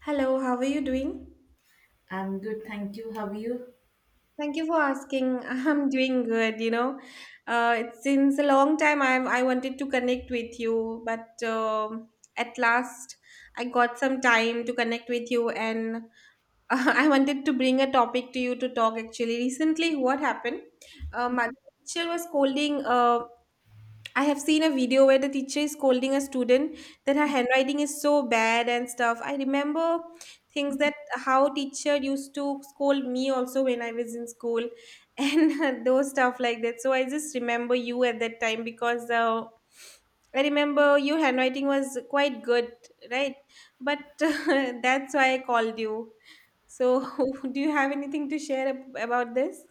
Hello, how are you doing? I'm good, thank you. How are you? Thank you for asking. I'm doing good, you know. It's since a long time I wanted to connect with you, but at last I got some time to connect with you and I wanted to bring a topic to you to talk actually. Recently, what happened? My teacher was scolding I have seen a video where the teacher is scolding a student that her handwriting is so bad and stuff. I remember things that how teacher used to scold me also when I was in school and those stuff like that. So I just remember you at that time because I remember your handwriting was quite good, right? But that's why I called you. So do you have anything to share about this?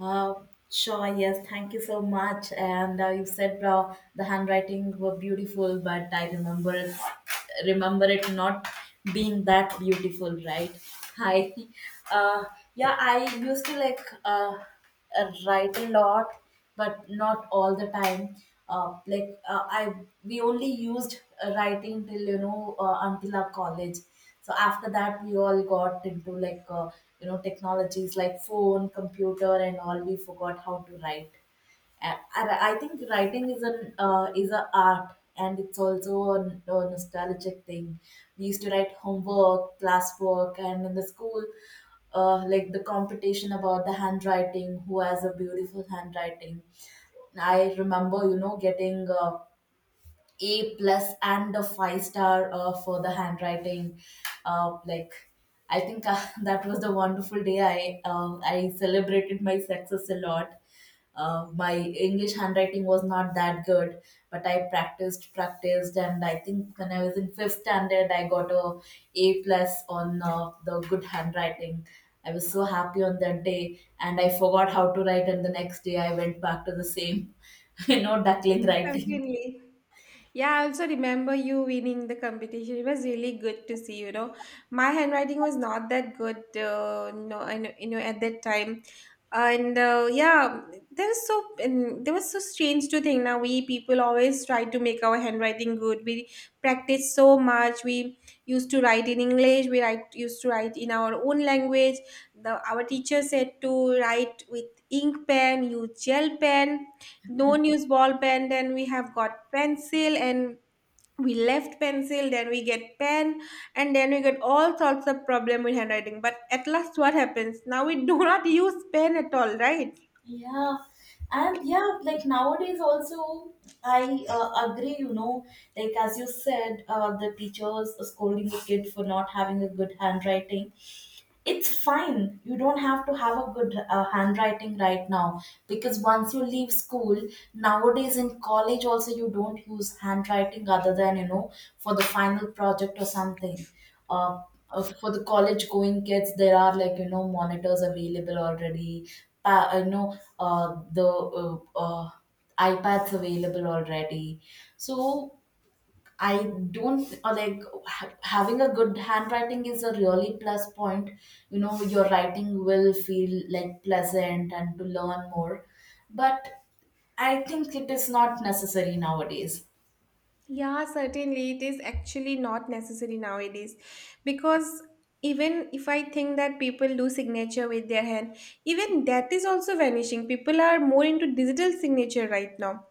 Uh, sure, yes, thank you so much. And you said the handwriting were beautiful, but I remember it not being that beautiful, right? Hi. Uh, yeah, I used to like write a lot, but not all the time. Like we only used writing till until our college. So after that, we all got into technologies like phone, computer, and all. We forgot how to write. And I think writing is an is a art, and it's also a nostalgic thing. We used to write homework, classwork, and in the school, like the competition about the handwriting, who has a beautiful handwriting. I remember, getting a plus and a five star for the handwriting. Like I think that was the wonderful day. I celebrated my success a lot. My English handwriting was not that good, but I practiced, practiced, and I think when I was in fifth standard, I got a A plus on the good handwriting. I was so happy on that day, and I forgot how to write. And the next day, I went back to the same, duckling writing. Certainly. Yeah, I also remember you winning the competition. It was really good to see, you know. My handwriting was not that good, no, I know, you know, at that time. And yeah, there was so and there was so strange to think. Now we people always try to make our handwriting good. We practice so much. We used to write in English. We write used to write in our own language. The Our teacher said to write with ink pen, use gel pen, no news ball pen, then we have got pencil, and we left pencil, then we get pen, and then we get all sorts of problem with handwriting, but at last what happens now, we do not use pen at all, right? Yeah, and yeah, like nowadays also, I agree, like as you said, the teachers scolding the kid for not having a good handwriting. It's fine, you don't have to have a good handwriting right now, because once you leave school nowadays in college also, you don't use handwriting other than for the final project or something. uh, for the college going kids, there are, like, you know monitors available already the iPads available already. So I don't like having a good handwriting is a really plus point. You know, your writing will feel like pleasant and to learn more. But I think it is not necessary nowadays. Yeah, certainly. It is actually not necessary nowadays because even if I think that people do signature with their hand, even that is also vanishing. People are more into digital signature right now.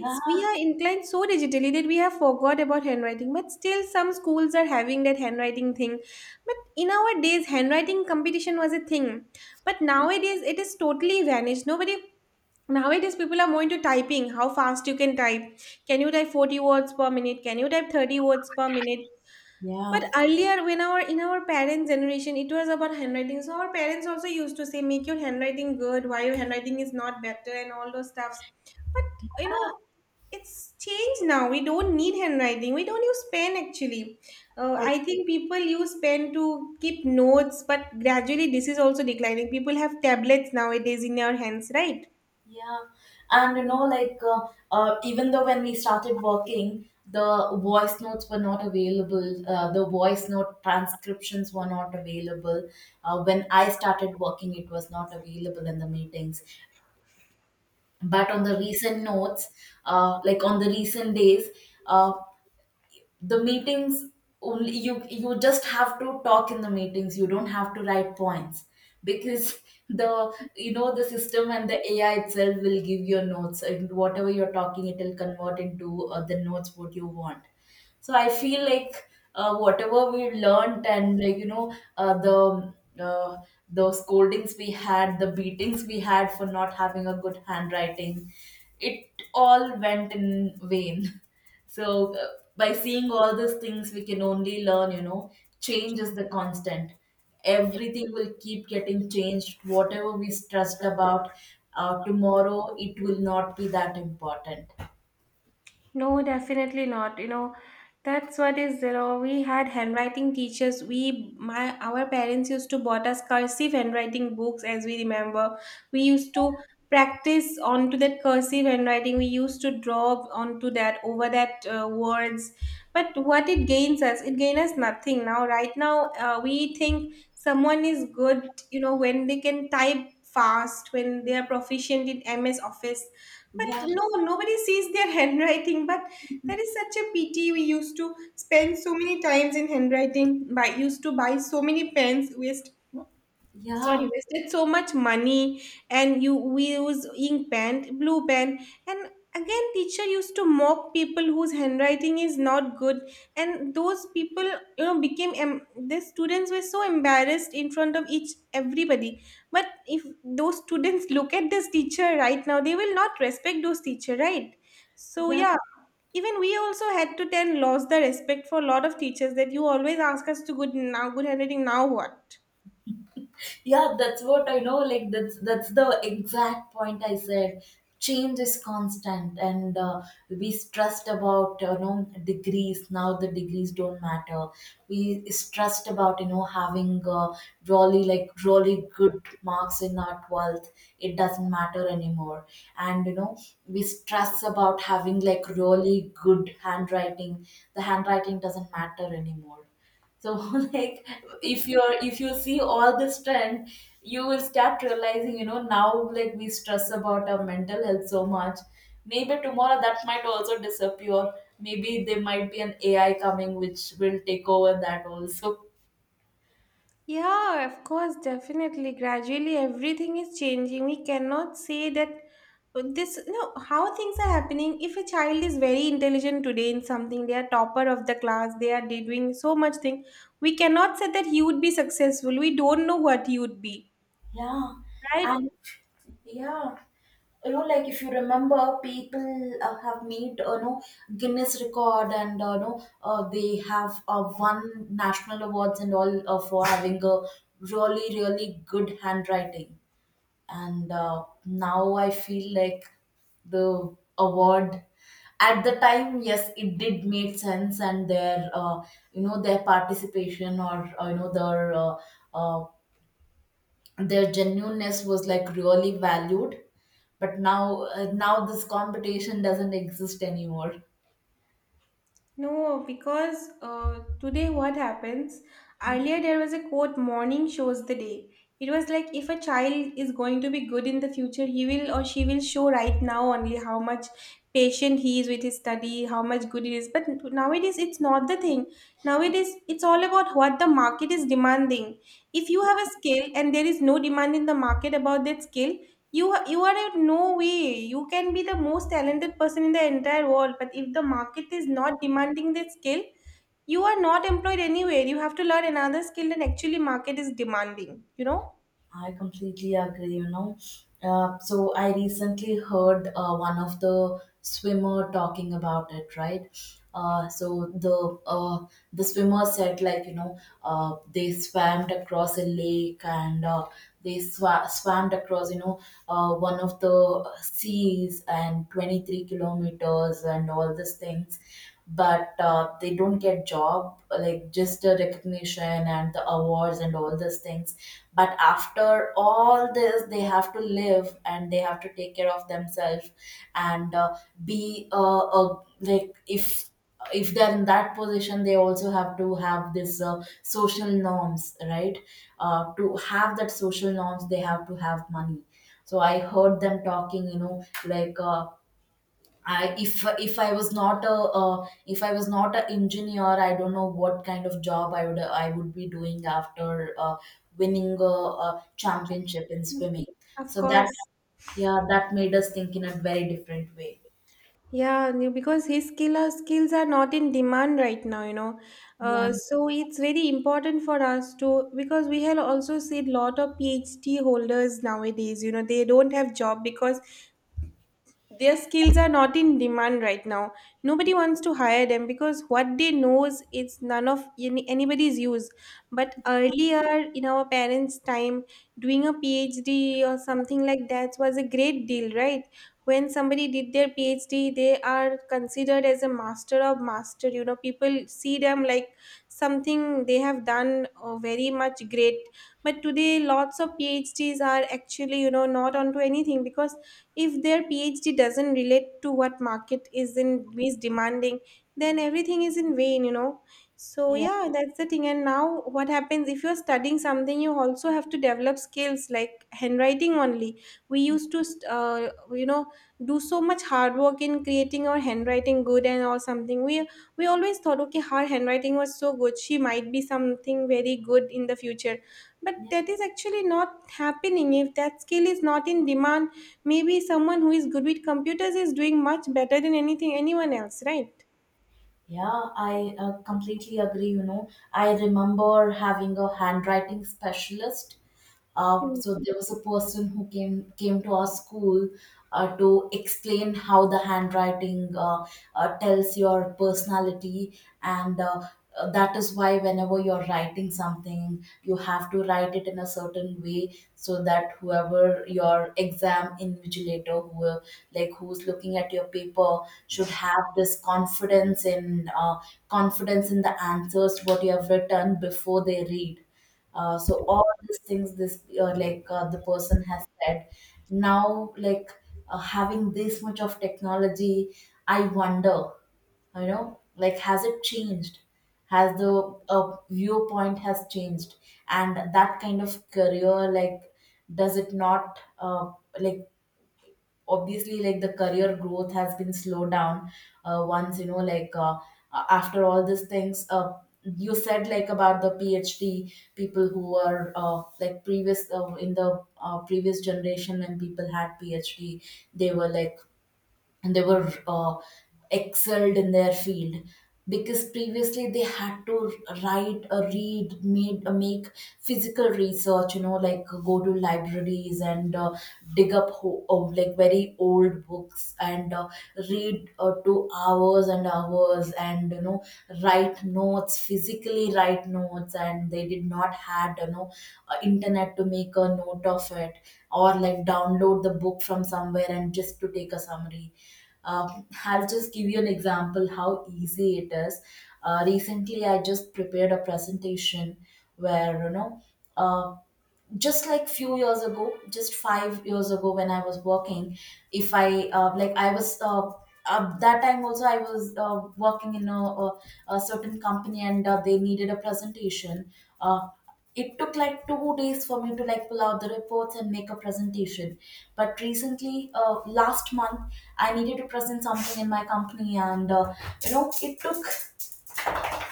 Yeah, we are inclined so digitally that we have forgot about handwriting, but still some schools are having that handwriting thing. But in our days, handwriting competition was a thing, but nowadays it is totally vanished. Nobody Nowadays, people are more into typing, how fast you can type. Can you type 40 words per minute? Can you type 30 words per minute? But yeah, earlier, when our parents' generation, it was about handwriting. So our parents also used to say, "Make your handwriting good. Why your handwriting is not better?" and all those stuffs. But you know, it's changed now. We don't need handwriting. We don't use pen actually. I think people use pen to keep notes, but gradually this is also declining. People have tablets nowadays in their hands, right? yeah. And you know, like even though when we started working, the voice notes were not available. The voice note transcriptions were not available. When I started working, it was not available in the meetings. But on the recent notes, like on the recent days, uh, the meetings, only you just have to talk in the meetings, you don't have to write points. Because the you know the system and the AI itself will give your notes, and whatever you're talking, it will convert into the notes what you want. So I feel like whatever we learned, and uh, the scoldings we had, the beatings we had for not having a good handwriting, it all went in vain. So by seeing all these things, we can only learn. You know, change is the constant. Everything will keep getting changed. Whatever we stressed about tomorrow, it will not be that important. No, definitely not. You know, that's what is, you know, we had handwriting teachers. We, my, our parents used to bought us cursive handwriting books, as we remember. We used to practice onto that cursive handwriting. We used to draw onto that, over that words. But what it gains us nothing. Now, right now, we think someone is good, you know, when they can type fast, when they are proficient in MS Office, Yeah, but no, nobody sees their handwriting. But that is such a pity. We used to spend so many times in handwriting. By used to buy so many pens. Yeah, Wasted so much money, and you we use ink pen, blue pen, and again teacher used to mock people whose handwriting is not good, and those people, you know, became the students were so embarrassed in front of each everybody. But if those students look at this teacher right now, they will not respect those teacher, right? So yeah. yeah, even we also had to then lost the respect for a lot of teachers that you always ask us to good, now good handwriting, now what? Yeah, that's what I know, like that's the exact point I said. Change is constant, and we stressed about, degrees. Now the degrees don't matter. We stressed about, having really, like, really good marks in our 12th. It doesn't matter anymore. And you know, we stress about having like really good handwriting. The handwriting doesn't matter anymore. So like, if you see all this trend, you will start realizing, you know, now like we stress about our mental health so much. Maybe tomorrow that might also disappear. Maybe there might be an AI coming which will take over that also. Yeah, of course, definitely. Gradually, everything is changing. We cannot say that this, no, how things are happening. If a child is very intelligent today in something, they are topper of the class, they are doing so much thing. We cannot say that he would be successful. We don't know what he would be, Yeah, right? and yeah, you know, like if you remember, people have made Guinness record, and they have won national awards and all for having a really, really good handwriting. And now I feel like the award at the time, yes, it did make sense, and their participation, or uh, their genuineness was like really valued. But now this competition doesn't exist anymore. No, because today what happens? Earlier there was a quote, morning shows the day. It was like if a child is going to be good in the future, he will or she will show right now only how much patient he is with his study, how much good it is. But nowadays it's not the thing. Nowadays it's all about what the market is demanding. If you have a skill and there is no demand in the market about that skill, you are in no way, you can be the most talented person in the entire world, but if the market is not demanding the skill, you are not employed anywhere. You have to learn another skill that actually market is demanding, you know. I completely agree, you know. So I recently heard one of the swimmer talking about it, right? So uh, the swimmer said, like, you know, they swam across a lake, and they swam across, you know, one of the seas, and 23 kilometers, and all these things. But they don't get job, like just the recognition and the awards and all these things. But after all this, they have to live, and they have to take care of themselves, and be a like, if they're in that position, they also have to have this social norms, right? To have that social norms, they have to have money. So I heard them talking, you know, like, if I was not a if I was not an engineer, I don't know what kind of job I would be doing after winning a championship in swimming. Of So that course. Yeah, that made us think in a very different way. Yeah, no, because his skill or skills are not in demand right now, you know. Yeah, So it's very important for us to, because we have also seen lot of PhD holders nowadays. You know, they don't have job because their skills are not in demand right now. Nobody wants to hire them because what they know is it's none of any, anybody's use. But earlier in our parents' time, doing a PhD or something like that was a great deal, right? When somebody did their PhD, they are considered as a master of master. You know, people see them like something they have done very much great. But today lots of phds are actually, you know, not onto anything, because if their PhD doesn't relate to what market is demanding, then everything is in vain, you know. So yeah, yeah, that's the thing. And now what happens if you're studying something, you also have to develop skills like handwriting only. We used to, you know, do so much hard work in creating our handwriting good and or something. We always thought, okay, her handwriting was so good. She might be something very good in the future. But yeah. that is actually not happening. If that skill is not in demand, maybe someone who is good with computers is doing much better than anything anyone else, right? Yeah, I completely agree. You know, I remember having a handwriting specialist. So Mm. there was a person who came to our school to explain how the handwriting tells your personality, and that is why whenever you're writing something, you have to write it in a certain way, so that whoever your exam invigilator, like who's looking at your paper, should have this confidence in the answers what you have written before they read. So all these things, this the person has said. Now, like, having this much of technology, I wonder, you know, like, has it changed? Has the viewpoint has changed, and that kind of career, like, does it not like, obviously, like the career growth has been slowed down once, you know, like, after all these things you said, like, about the phd people who were like, previous in the previous generation, when people had phd, they were like, and they were excelled in their field. Because previously they had to write or read, made make physical research, you know, like, go to libraries, and dig up, of like very old books, and read to hours and hours, and you know, write notes, physically write notes, and they did not had, you know, internet to make a note of it, or like download the book from somewhere and just to take a summary. I'll just give you an example how easy it is. Recently, I just prepared a presentation where you know. Uh, just like few years ago, just 5 years ago, when I was working, if I like I was that time also I was working in a certain company, and they needed a presentation. uh, it took like 2 days for me to like pull out the reports and make a presentation. But recently, last month, I needed to present something in my company, and you know, it took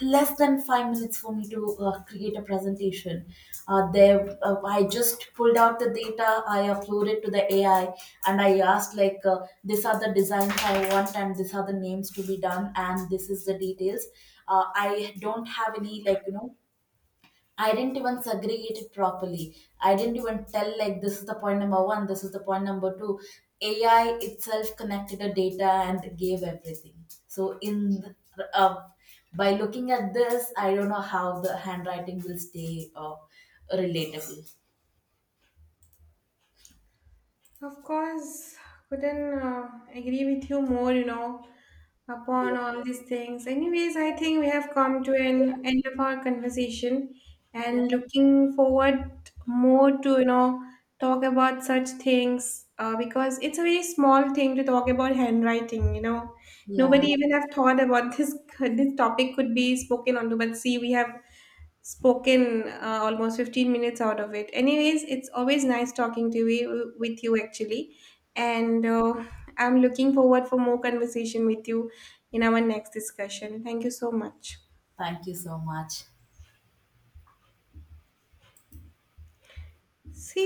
less than 5 minutes for me to create a presentation. There, I just pulled out the data, I uploaded to the AI, and I asked, like, these are the designs I want, and these are the names to be done, and this is the details. I don't have any, like, you know, I didn't even segregate it properly. I didn't even tell like this is the point number one, this is the point number two. AI itself connected the data and gave everything. By looking at this, I don't know how the handwriting will stay relatable. Of course, couldn't agree with you more, you know, upon Yeah. all these things. Anyways, I think we have come to an end of our conversation Yeah, and looking forward more to, you know, talk about such things because it's a very small thing to talk about handwriting, you know. yeah. Nobody even have thought about this this topic could be spoken onto, but see, we have spoken almost 15 minutes out of it. Anyways, it's always nice talking to you, with you actually, and I'm looking forward for more conversation with you in our next discussion. Thank you so much. Thank you so much. See.